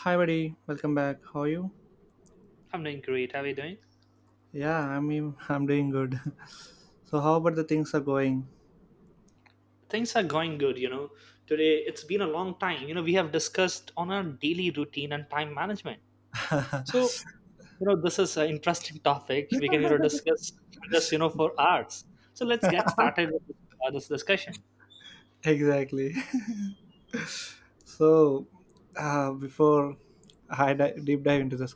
Hi, buddy. Welcome back. How are you? I'm doing great. How are you doing? Yeah, I mean, I'm doing good. So, how about the things are going? Things are going good. Today, it's been a long time. We have discussed on our daily routine and time management. So, this is an interesting topic. We can, discuss this, for hours. So let's get started with this discussion. Exactly. So, before I deep dive into this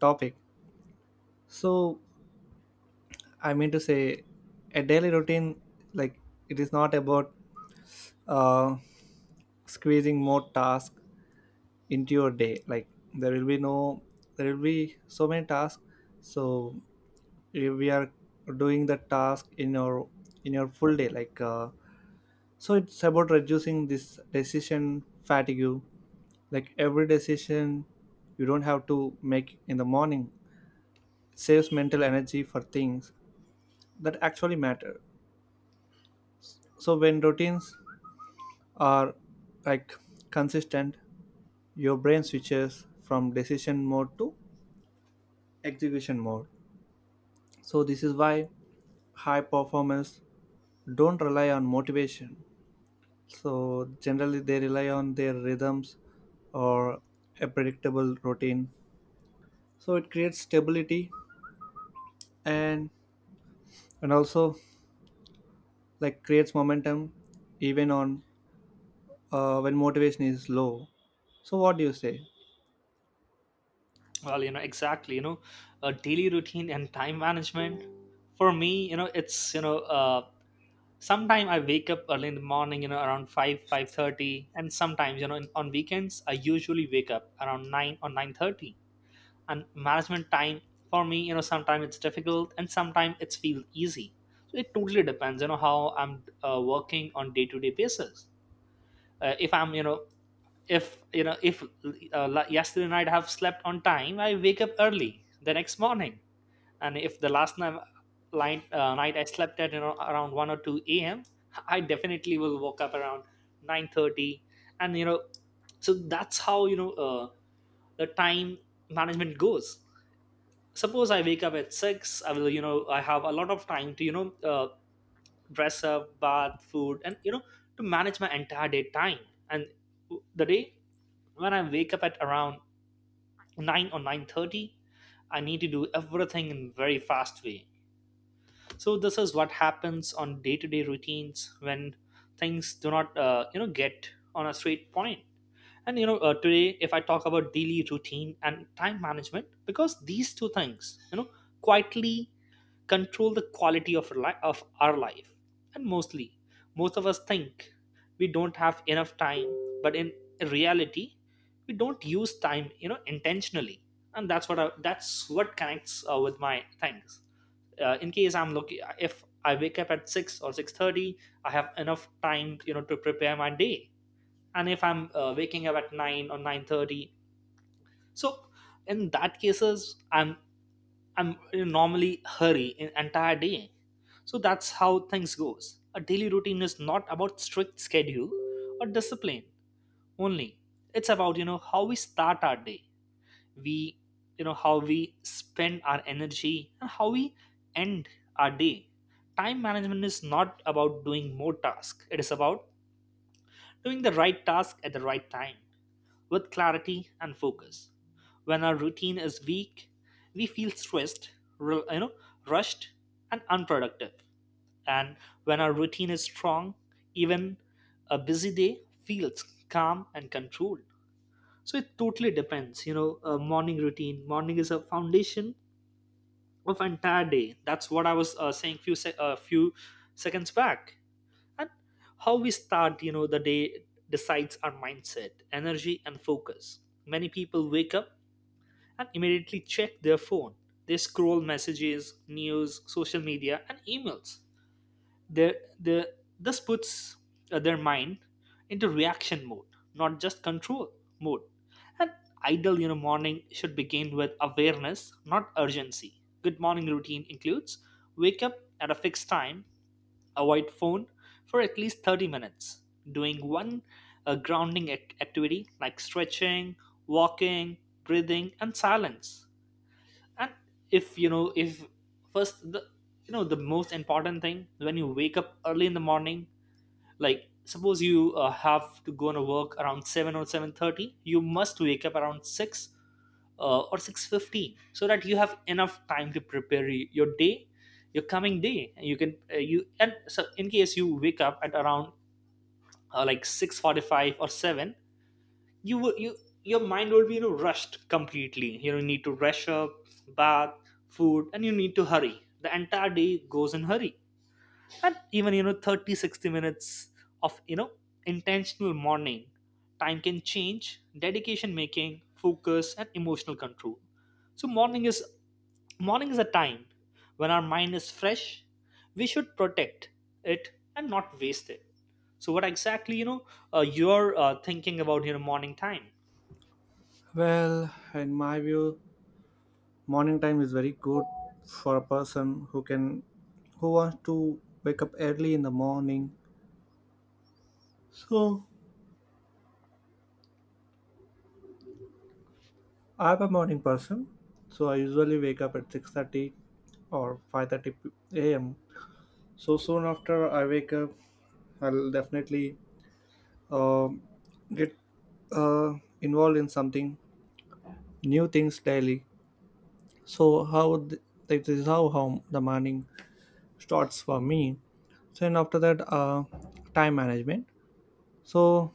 topic, so I mean to say, a daily routine, like it is not about uh, squeezing more tasks into your day. Like there will be no, there will be so many tasks. So we are doing the task in your full day, like, so it's about reducing this decision fatigue. Like, every decision you don't have to make in the morning saves mental energy for things that actually matter. So when routines are, like, consistent, your brain switches from decision mode to execution mode. So this is why high performers don't rely on motivation. So generally they rely on their rhythms or a predictable routine. So it creates stability, and also, like, creates momentum, even on when motivation is low. So what do you say? Well, you know, exactly, you know, a daily routine and time management. For me, it's, sometime I wake up early in the morning, around 5, 5:30. And sometimes, on weekends, I usually wake up around 9 or 9:30, and management time for me, sometimes it's difficult and sometimes it's feel easy. So it totally depends, how I'm working on day-to-day basis. If I'm if la- yesterday night I have slept on time, I wake up early the next morning. And if the last night I slept at around 1 or 2 a.m I definitely will wake up around 9:30. And you know so that's how the time management goes. Suppose I wake up at 6, I will I have a lot of time to dress up, bath, food, and to manage my entire day time. And the day when I wake up at around 9 or 9:30, I need to do everything in very fast way. So this is what happens on day-to-day routines when things do not get on a straight point. and you know uh, today, if I talk about daily routine and time management, because these two things, quietly control the quality of of our life. And mostly, most of us think we don't have enough time, but in reality, we don't use time, intentionally. And that's what that's what connects with my things. In case I'm looking, if I wake up at 6 or 6:30, I have enough time, to prepare my day. And if I'm waking up at 9 or 9:30, so in that cases, I'm in normally hurry in entire day. So that's how things goes. A daily routine is not about strict schedule or discipline only. It's about how we start our day. We you know how we spend our energy and how we end our day. Time management is not about doing more tasks. It is about doing the right task at the right time with clarity and focus. When our routine is weak, we feel stressed, ru- you know, rushed and unproductive. And when our routine is strong, even a busy day feels calm and controlled. So it totally depends, a morning routine. Morning is a foundation of entire day. That's what I was saying a few seconds back, and how we start, the day decides our mindset, energy, and focus. Many people wake up and immediately check their phone. They scroll messages, news, social media, and emails. Their, their, this puts their mind into reaction mode, not just control mode. An ideal, morning should begin with awareness, not urgency. Good morning routine includes wake up at a fixed time, avoid phone for at least 30 minutes, doing one grounding activity like stretching, walking, breathing, and silence. And if first the the most important thing when you wake up early in the morning, like suppose you have to go on a work around 7 or 7:30, you must wake up around 6, or 6:50, so that you have enough time to prepare your day, your coming day. And you can you and so in case you wake up at around like 6:45 or 7, you will you your mind will be, rushed completely, need to rush up, bath, food, and you need to hurry. The entire day goes in hurry. And even, 30 60 minutes of, intentional morning time can change dedication, making, focus, and emotional control. So morning is a time when our mind is fresh. We should protect it and not waste it. So what exactly, you know you're thinking about your morning time? Well, in my view, morning time is very good for a person who wants to wake up early in the morning. So I'm a morning person, so I usually wake up at 6:30 or 5:30 a.m. So soon after I wake up, I'll definitely um, get uh, involved in something, new things daily. So, like, this is how the morning starts for me. So, and after that, time management. So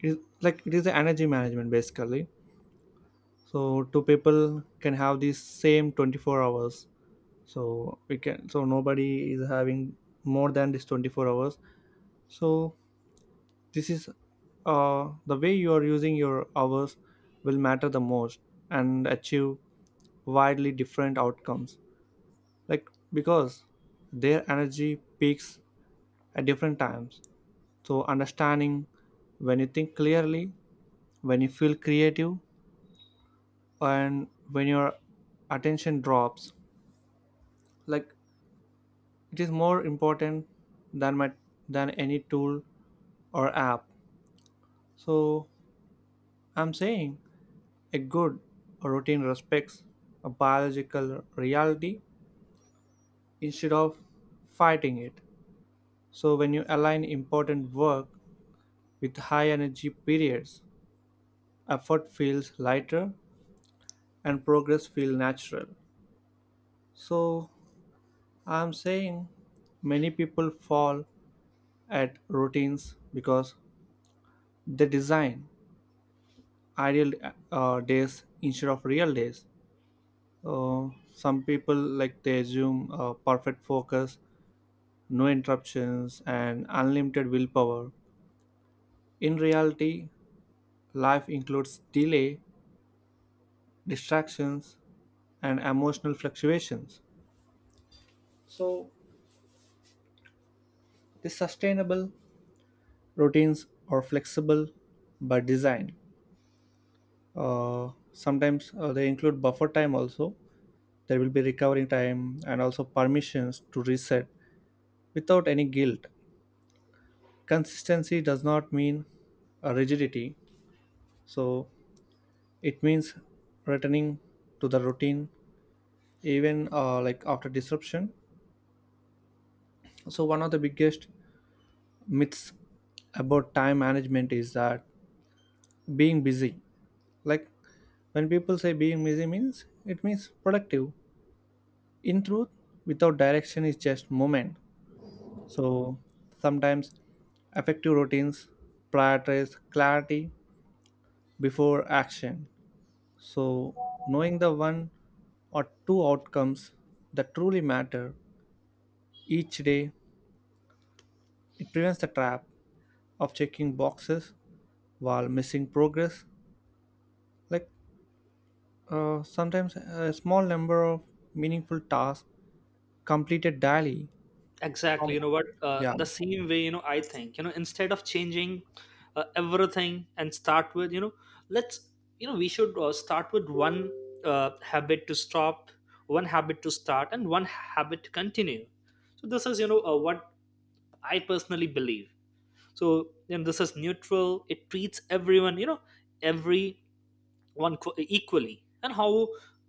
it, like, it is the energy management basically. So two people can have the same 24 hours. So we can so nobody is having more than this 24 hours. So this is the way you are using your hours will matter the most and achieve widely different outcomes, like, because their energy peaks at different times. So understanding when you think clearly, when you feel creative, and when your attention drops, like, it is more important than my than any tool or app. So I'm saying a good routine respects a biological reality instead of fighting it. So when you align important work with high energy periods, effort feels lighter and progress feels natural. So I'm saying many people fall at routines because they design ideal days instead of real days. Uh, some people, like, they assume perfect focus, no interruptions, and unlimited willpower. In reality, life includes delay, distractions, and emotional fluctuations. So, the sustainable routines are flexible by design. Sometimes they include buffer time also. There will be recovering time and also permissions to reset without any guilt. Consistency does not mean a rigidity, so it means returning to the routine, even like, after disruption. So one of the biggest myths about time management is that being busy, like, when people say being busy means, it means productive. In truth, without direction is just movement. So sometimes effective routines prioritize clarity before action. So knowing the one or two outcomes that truly matter each day, it prevents the trap of checking boxes while missing progress. Like, sometimes a small number of meaningful tasks completed daily. Exactly, Um, what, yeah. the same way, I think, instead of changing everything and start with, let's, we should start with one habit to stop, one habit to start, and one habit to continue. So this is, what I personally believe. This is neutral. It treats everyone, everyone equally, and how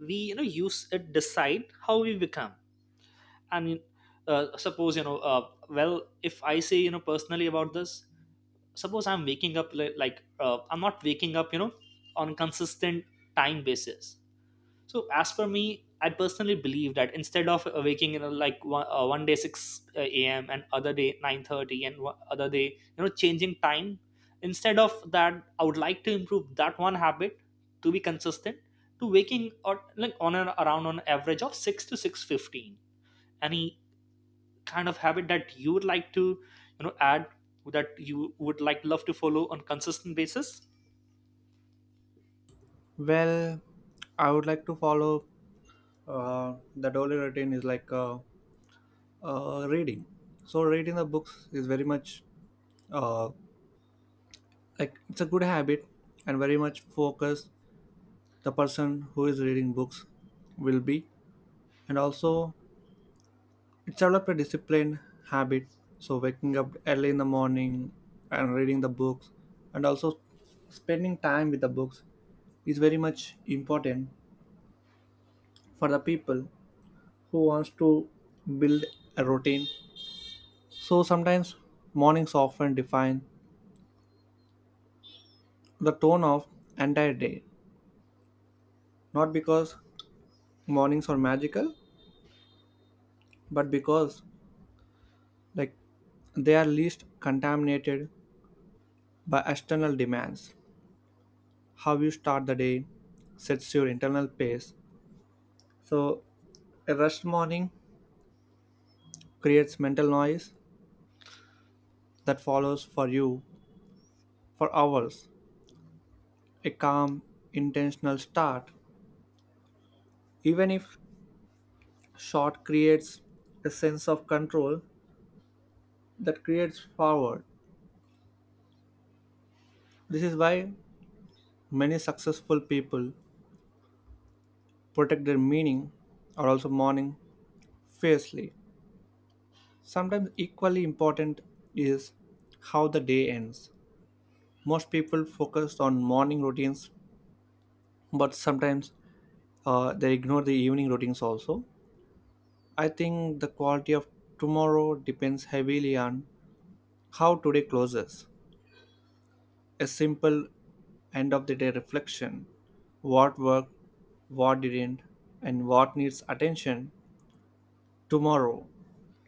we, use it decide how we become. I mean, suppose, Well, if I say, personally about this, suppose I'm waking up like, I'm not waking up, on consistent time basis. So as per me, I personally believe that instead of waking, like one day six a.m. and other day 9:30 and one other day, changing time, instead of that, I would like to improve that one habit to be consistent, to waking, or like on an around on average of 6 to 6:15. Any kind of habit that you would like to, add, that you would like love to follow on consistent basis? Well, I would like to follow, the daily routine is like, reading. So reading the books is very much, uh, like, it's a good habit, and very much focus the person who is reading books will be. And also, it's developed a disciplined habit, so waking up early in the morning and reading the books, and also spending time with the books, is very much important for the people who wants to build a routine. So sometimes mornings often define the tone of entire day, not because mornings are magical, but because, like, they are least contaminated by external demands. How you start the day sets your internal pace. So, a rushed morning creates mental noise that follows for you for hours. A calm, intentional start, even if short, creates a sense of control that creates forward. This is why many successful people protect their meaning or also morning fiercely. Sometimes, equally important is how the day ends. Most people focus on morning routines, but sometimes they ignore the evening routines also. I think the quality of tomorrow depends heavily on how today closes. A simple end of the day reflection: what worked, what didn't, and what needs attention tomorrow.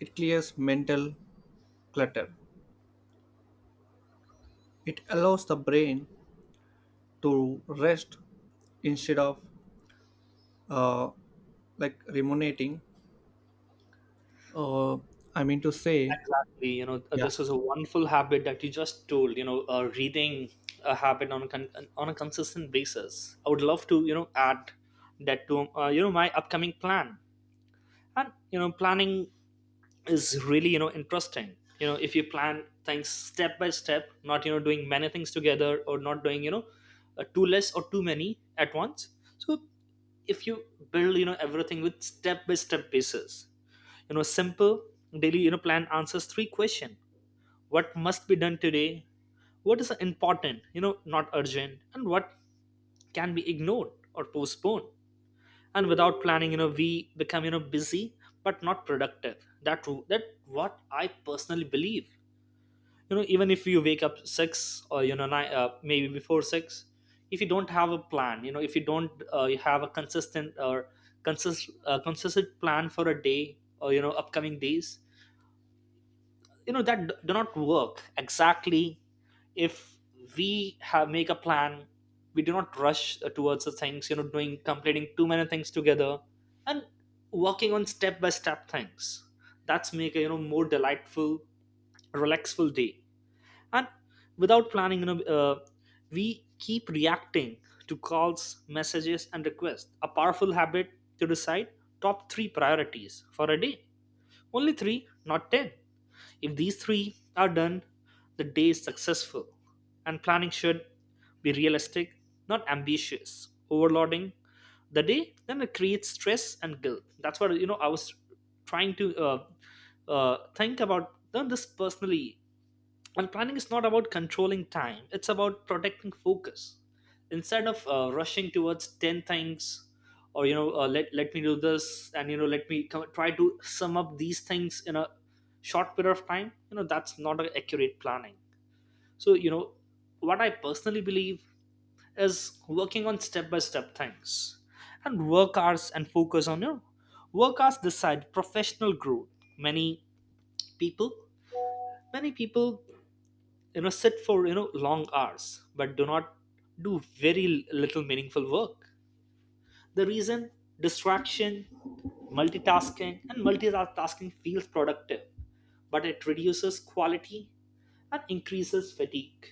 It clears mental clutter. It allows the brain to rest instead of uh, like, ruminating. Uh, I mean to say, Exactly, yeah, this is a wonderful habit that you just told, reading. A habit on a consistent basis, I would love to, add that to, my upcoming plan. And planning is really, interesting. If you plan things step by step, not, doing many things together, or not doing, too less or too many at once. So if you build, everything with step by step basis, simple daily, plan answers three question: what must be done today, what is important, not urgent, and what can be ignored or postponed. And without planning, we become, busy but not productive. That what I personally believe. Even if you wake up 6 or, nine, maybe before 6, if you don't have a plan, if you don't you have a consistent, or consist consistent plan for a day or, upcoming days, that do not work exactly. If we have make a plan, we do not rush towards the things, doing, completing too many things together, and working on step by step things, that's make a, more delightful, relaxful day. And without planning, we keep reacting to calls, messages, and requests. A powerful habit to decide top three priorities for a day, only three, not ten. If these three are done, the day is successful. And planning should be realistic, not ambitious. Overloading the day, then it creates stress and guilt. That's what, I was trying to think about done this personally. And planning is not about controlling time, it's about protecting focus. Instead of rushing towards 10 things, or, let me do this, and, let me come, try to sum up these things in a short period of time, that's not a accurate planning. So, what I personally believe is working on step by step things. And work hours and focus on, your work hours decide professional growth. Many people many people, sit for, long hours but do not do very little meaningful work. The reason: distraction, multitasking. And multitasking feels productive, but it reduces quality and increases fatigue.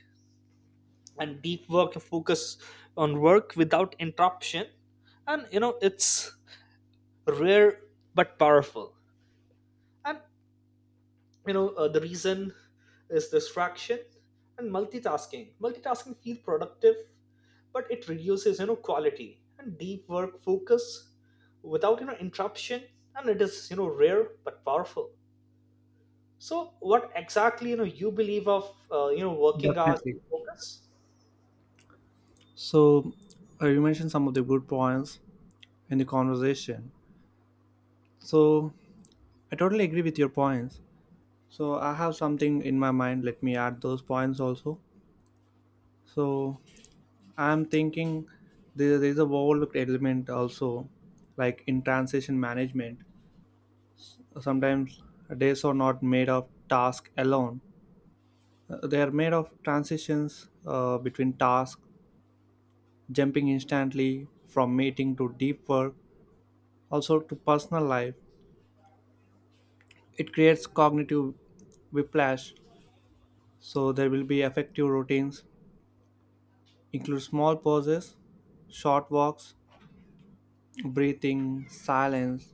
And deep work focus on work without interruption. And, it's rare but powerful. And, the reason is distraction and multitasking feel productive, but it reduces, quality. And deep work focus without, interruption. And it is, rare but powerful. So what exactly, you believe of, working hours definitely. and focus? So, you mentioned some of the good points in the conversation. So, I totally agree with your points. So, I have something in my mind. Let me add those points also. So, I'm thinking there is a overlooked element also, like, in transition management. Sometimes days are not made of task alone. They are made of transitions between tasks, jumping instantly from meeting to deep work, also to personal life. It creates cognitive whiplash. So there will be effective routines, include small pauses, short walks, breathing, silence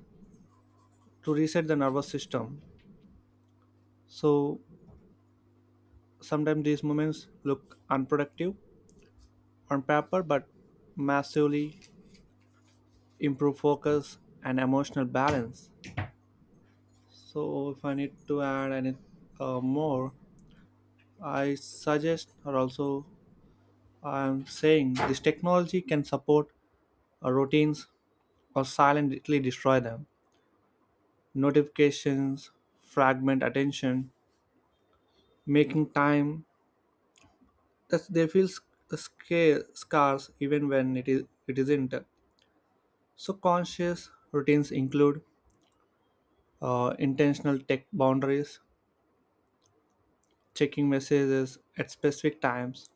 to reset the nervous system. So sometimes these moments look unproductive on paper, but massively improve focus and emotional balance. So if I need to add any more, I suggest, or also I'm saying, this technology can support routines or silently destroy them. Notifications fragment attention, making time that they feel scarce, even when it isn't. So conscious routines include intentional tech boundaries, checking messages at specific times,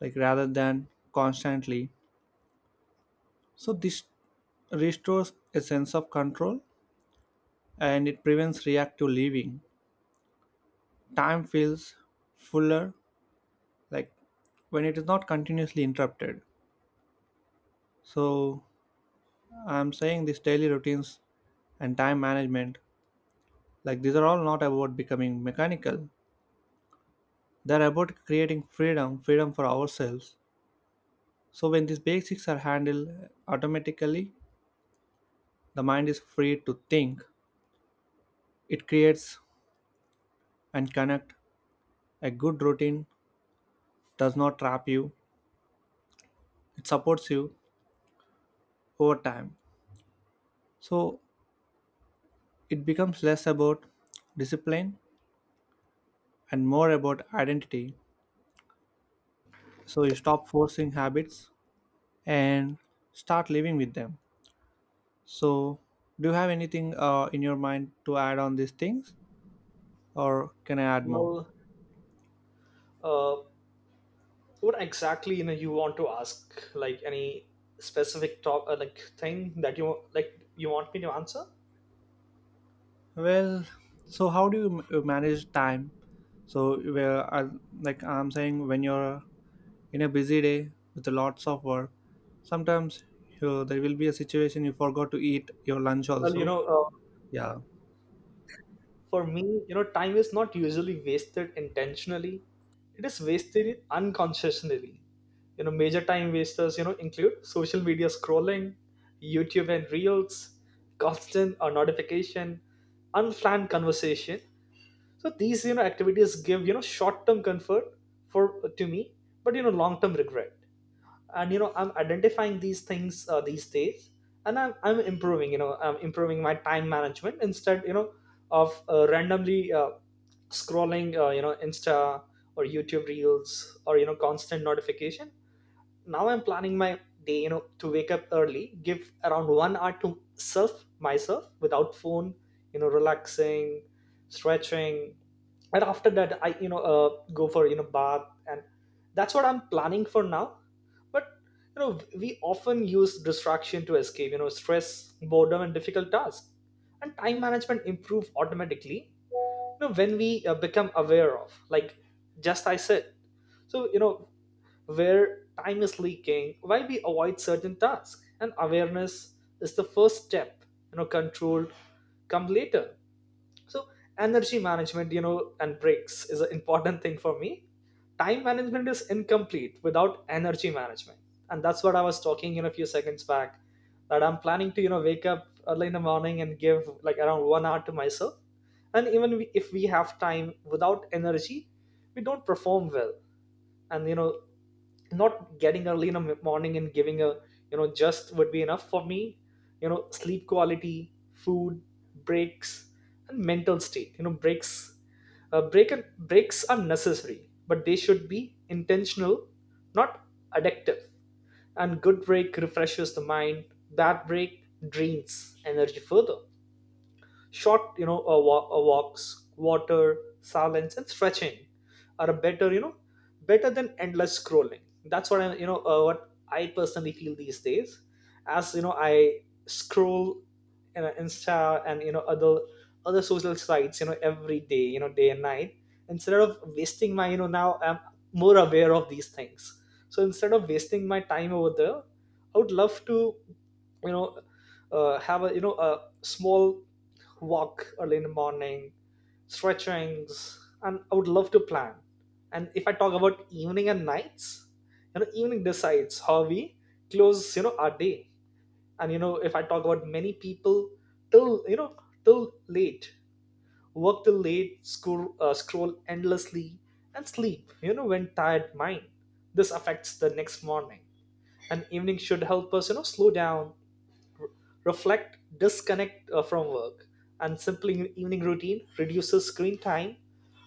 like, rather than constantly. So this restores a sense of control, and it prevents reactive living. Time feels fuller, like, when it is not continuously interrupted. So I'm saying these daily routines and time management, like, these are all not about becoming mechanical. They're about creating freedom, freedom for ourselves. So when these basics are handled automatically, the mind is free to think. It creates and connect. A good routine does not trap you. It supports you over time. So it becomes less about discipline and more about identity. So you stop forcing habits and start living with them. So, do you have anything in your mind to add on these things, or can I add more? Well, uh, what exactly, you want to ask, like any specific talk, like thing, that you like, you want me to answer? Well, so how do you manage time? So, like, I'm saying, when you're in a busy day with lots of work, sometimes there will be a situation you forgot to eat your lunch Well, also. Yeah. for me, time is not usually wasted intentionally. It is wasted unconsciously. Major time wasters, include social media scrolling, YouTube and Reels, constant or notification, unplanned conversation. So these, activities give, short-term comfort for to me, but long-term regret. And I'm identifying these things these days, and I'm improving. I'm improving my time management instead, of randomly scrolling, insta or YouTube reels, or constant notification. Now I'm planning my day, to wake up early, give around 1 hour to self, myself, without phone, relaxing, stretching. And after that I go for bath. And that's what I'm planning for now. But we often use distraction to escape, stress, boredom, and difficult tasks. And time management improve automatically, when we become aware of, like, just I said. So where time is leaking, why we avoid certain tasks. And awareness is the first step. Control come later. So energy management, and breaks is an important thing for me. Time management is incomplete without energy management. And that's what I was talking, a few seconds back, that I'm planning to, wake up early in the morning and give like around 1 hour to myself. And even if we have time without energy, we don't perform well. And not getting early in the morning and giving a, just would be enough for me. Sleep quality, food, breaks, and mental state. Breaks, breaks are necessary, but they should be intentional, not addictive. And good break refreshes the mind, bad break drains energy further. Short walks, water, silence, and stretching are a better, better than endless scrolling. That's what I, what I personally feel these days. As I scroll insta and other social sites, every day, day and night. Instead of wasting my, now I'm more aware of these things. So instead of wasting my time over there, I would love to, you know have a, a small walk early in the morning, stretchings, and I would love to plan. And if I talk about evening and nights, evening decides how we close, our day. And if I talk about many people, till you know till late, work till late, scroll, scroll endlessly, and sleep. When tired mind, this affects the next morning. And evening should help us, slow down, reflect, disconnect from work. And simple evening routine reduces screen time,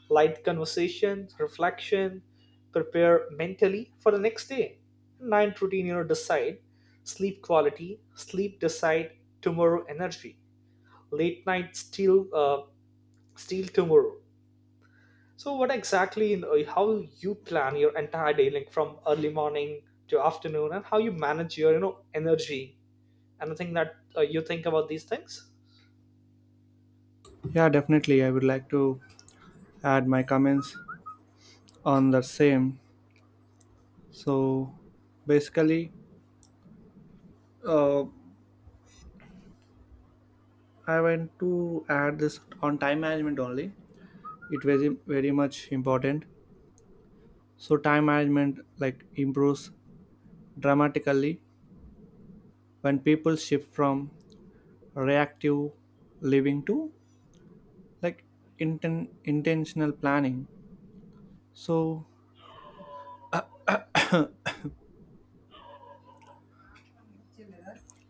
light conversation, reflection, prepare mentally for the next day. Night routine, decide sleep quality, sleep decide tomorrow energy, late night still still tomorrow. So, what exactly, how you plan your entire day, like from early morning to afternoon, and how you manage your, energy? Anything that you think about these things? Yeah, definitely, I would like to add my comments on the same. So basically, uh, I want to add this on time management only. It was very much important. So time management, like, improves dramatically when people shift from reactive living to, like, intentional planning. So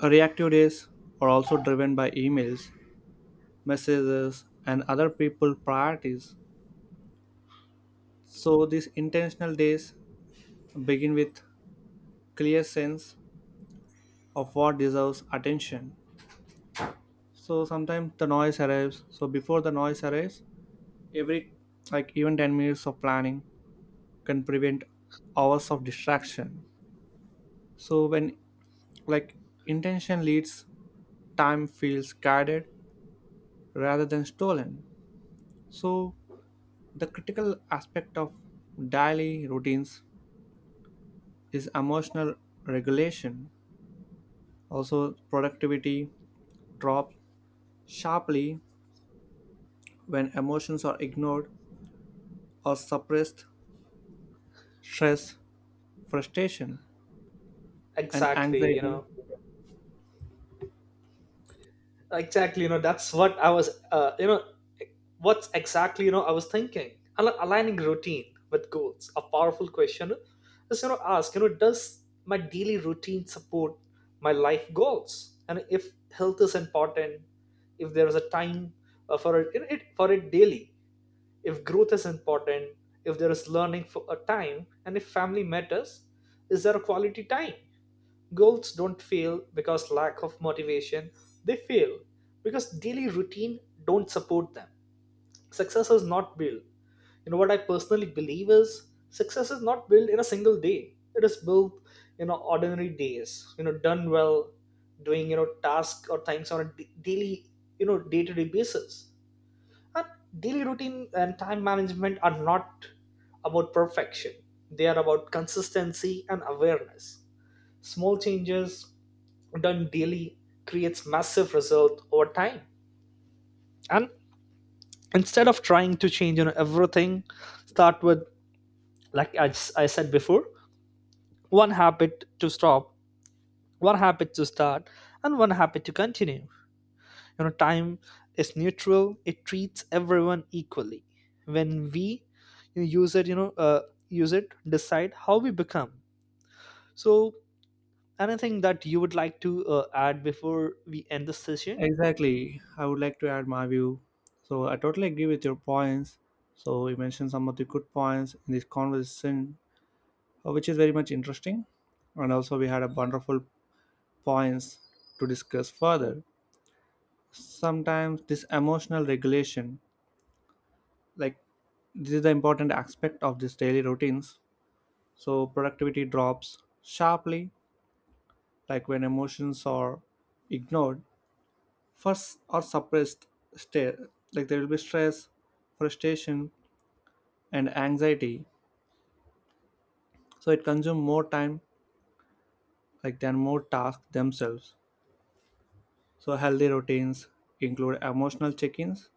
reactive days are also driven by emails, messages, and other people priorities. So these intentional days begin with clear sense of what deserves attention. So sometimes the noise arrives. So before the noise arrives, every, like, even 10 minutes of planning can prevent hours of distraction. So when, like, intention leads, time feels guided rather than stolen. So the critical aspect of daily routines is emotional regulation. Also, productivity drops sharply when emotions are ignored or suppressed: stress, frustration, and Exactly, anxiety. Exactly, that's what I was, what's exactly, I was thinking. Aligning routine with goals, a powerful question is, ask, does my daily routine support my life goals? And if health is important, if there is a time for it, for it daily. If growth is important, if there is learning for a time. And if family matters, is there a quality time? Goals don't fail because lack of motivation. They fail because daily routine don't support them. Success is not built. You know what I personally believe is, success is not built in a single day. It is built in ordinary days, done well, doing tasks or things on a daily, day to day basis. And daily routine and time management are not about perfection. They are about consistency and awareness. Small changes done daily creates massive result over time. And instead of trying to change, everything, start with, like I, I said before, one habit to stop, one habit to start, and one habit to continue. Time is neutral; it treats everyone equally. When we use it, use it, decide how we become. So, anything that you would like to add before we end this session? Exactly. I would like to add my view. So I totally agree with your points. So you mentioned some of the good points in this conversation, which is very much interesting. And also we had a wonderful points to discuss further. Sometimes this emotional regulation, like, this is the important aspect of this daily routines. So productivity drops sharply, like, when emotions are ignored first, or suppressed state, like, there will be stress, frustration, and anxiety. So it consumes more time, like, than more tasks themselves. So healthy routines include emotional check-ins,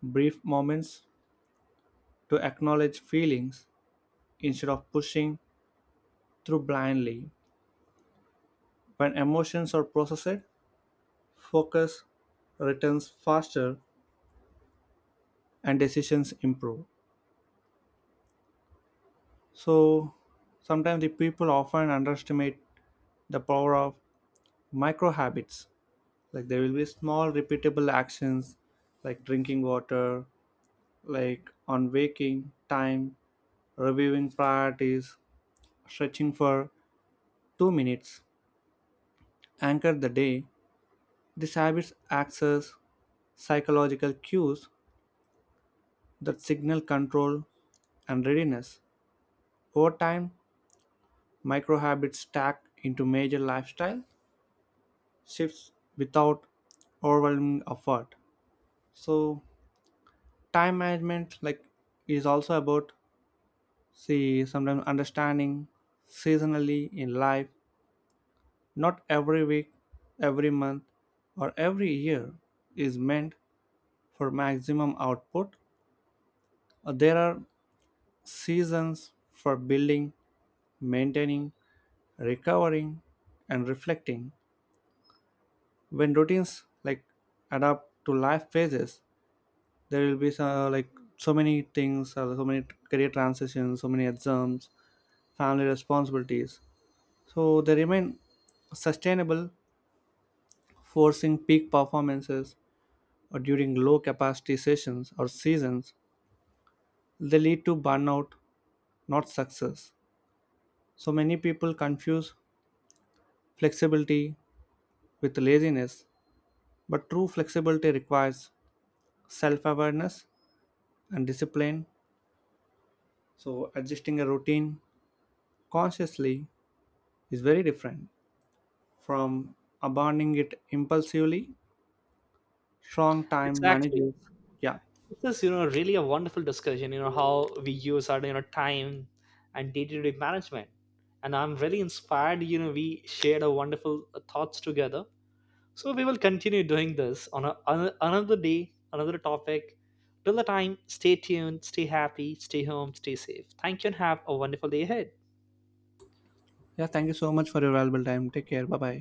brief moments to acknowledge feelings instead of pushing through blindly. When emotions are processed, focus returns faster and decisions improve. So sometimes the people often underestimate the power of micro habits, like, there will be small repeatable actions, like drinking water, like on waking time, reviewing priorities, stretching for 2 minutes, anchor the day. These habits access psychological cues that signal control and readiness. Over time, micro habits stack into major lifestyle shifts without overwhelming effort. So time management, like, is also about, see, sometimes understanding seasonally in life. Not every week, every month, or every year is meant for maximum output. There are seasons for building, maintaining, recovering, and reflecting. When routines, like, adapt to life phases, there will be so, like, so many things, so many career transitions, so many exams, family responsibilities. So they remain sustainable. Forcing peak performances or during low capacity sessions or seasons, they lead to burnout, not success. So many people confuse flexibility with laziness, but true flexibility requires self-awareness and discipline. So adjusting a routine consciously is very different from abandoning it impulsively. Strong time Exactly. managers. Yeah. This is, really a wonderful discussion, how we use our, time and day-to-day management. And I'm really inspired, we shared our wonderful thoughts together. So we will continue doing this on a, another day, another topic. Till the time, stay tuned, stay happy, stay home, stay safe. Thank you and have a wonderful day ahead. Yeah, thank you so much for your valuable time. Take care. Bye bye.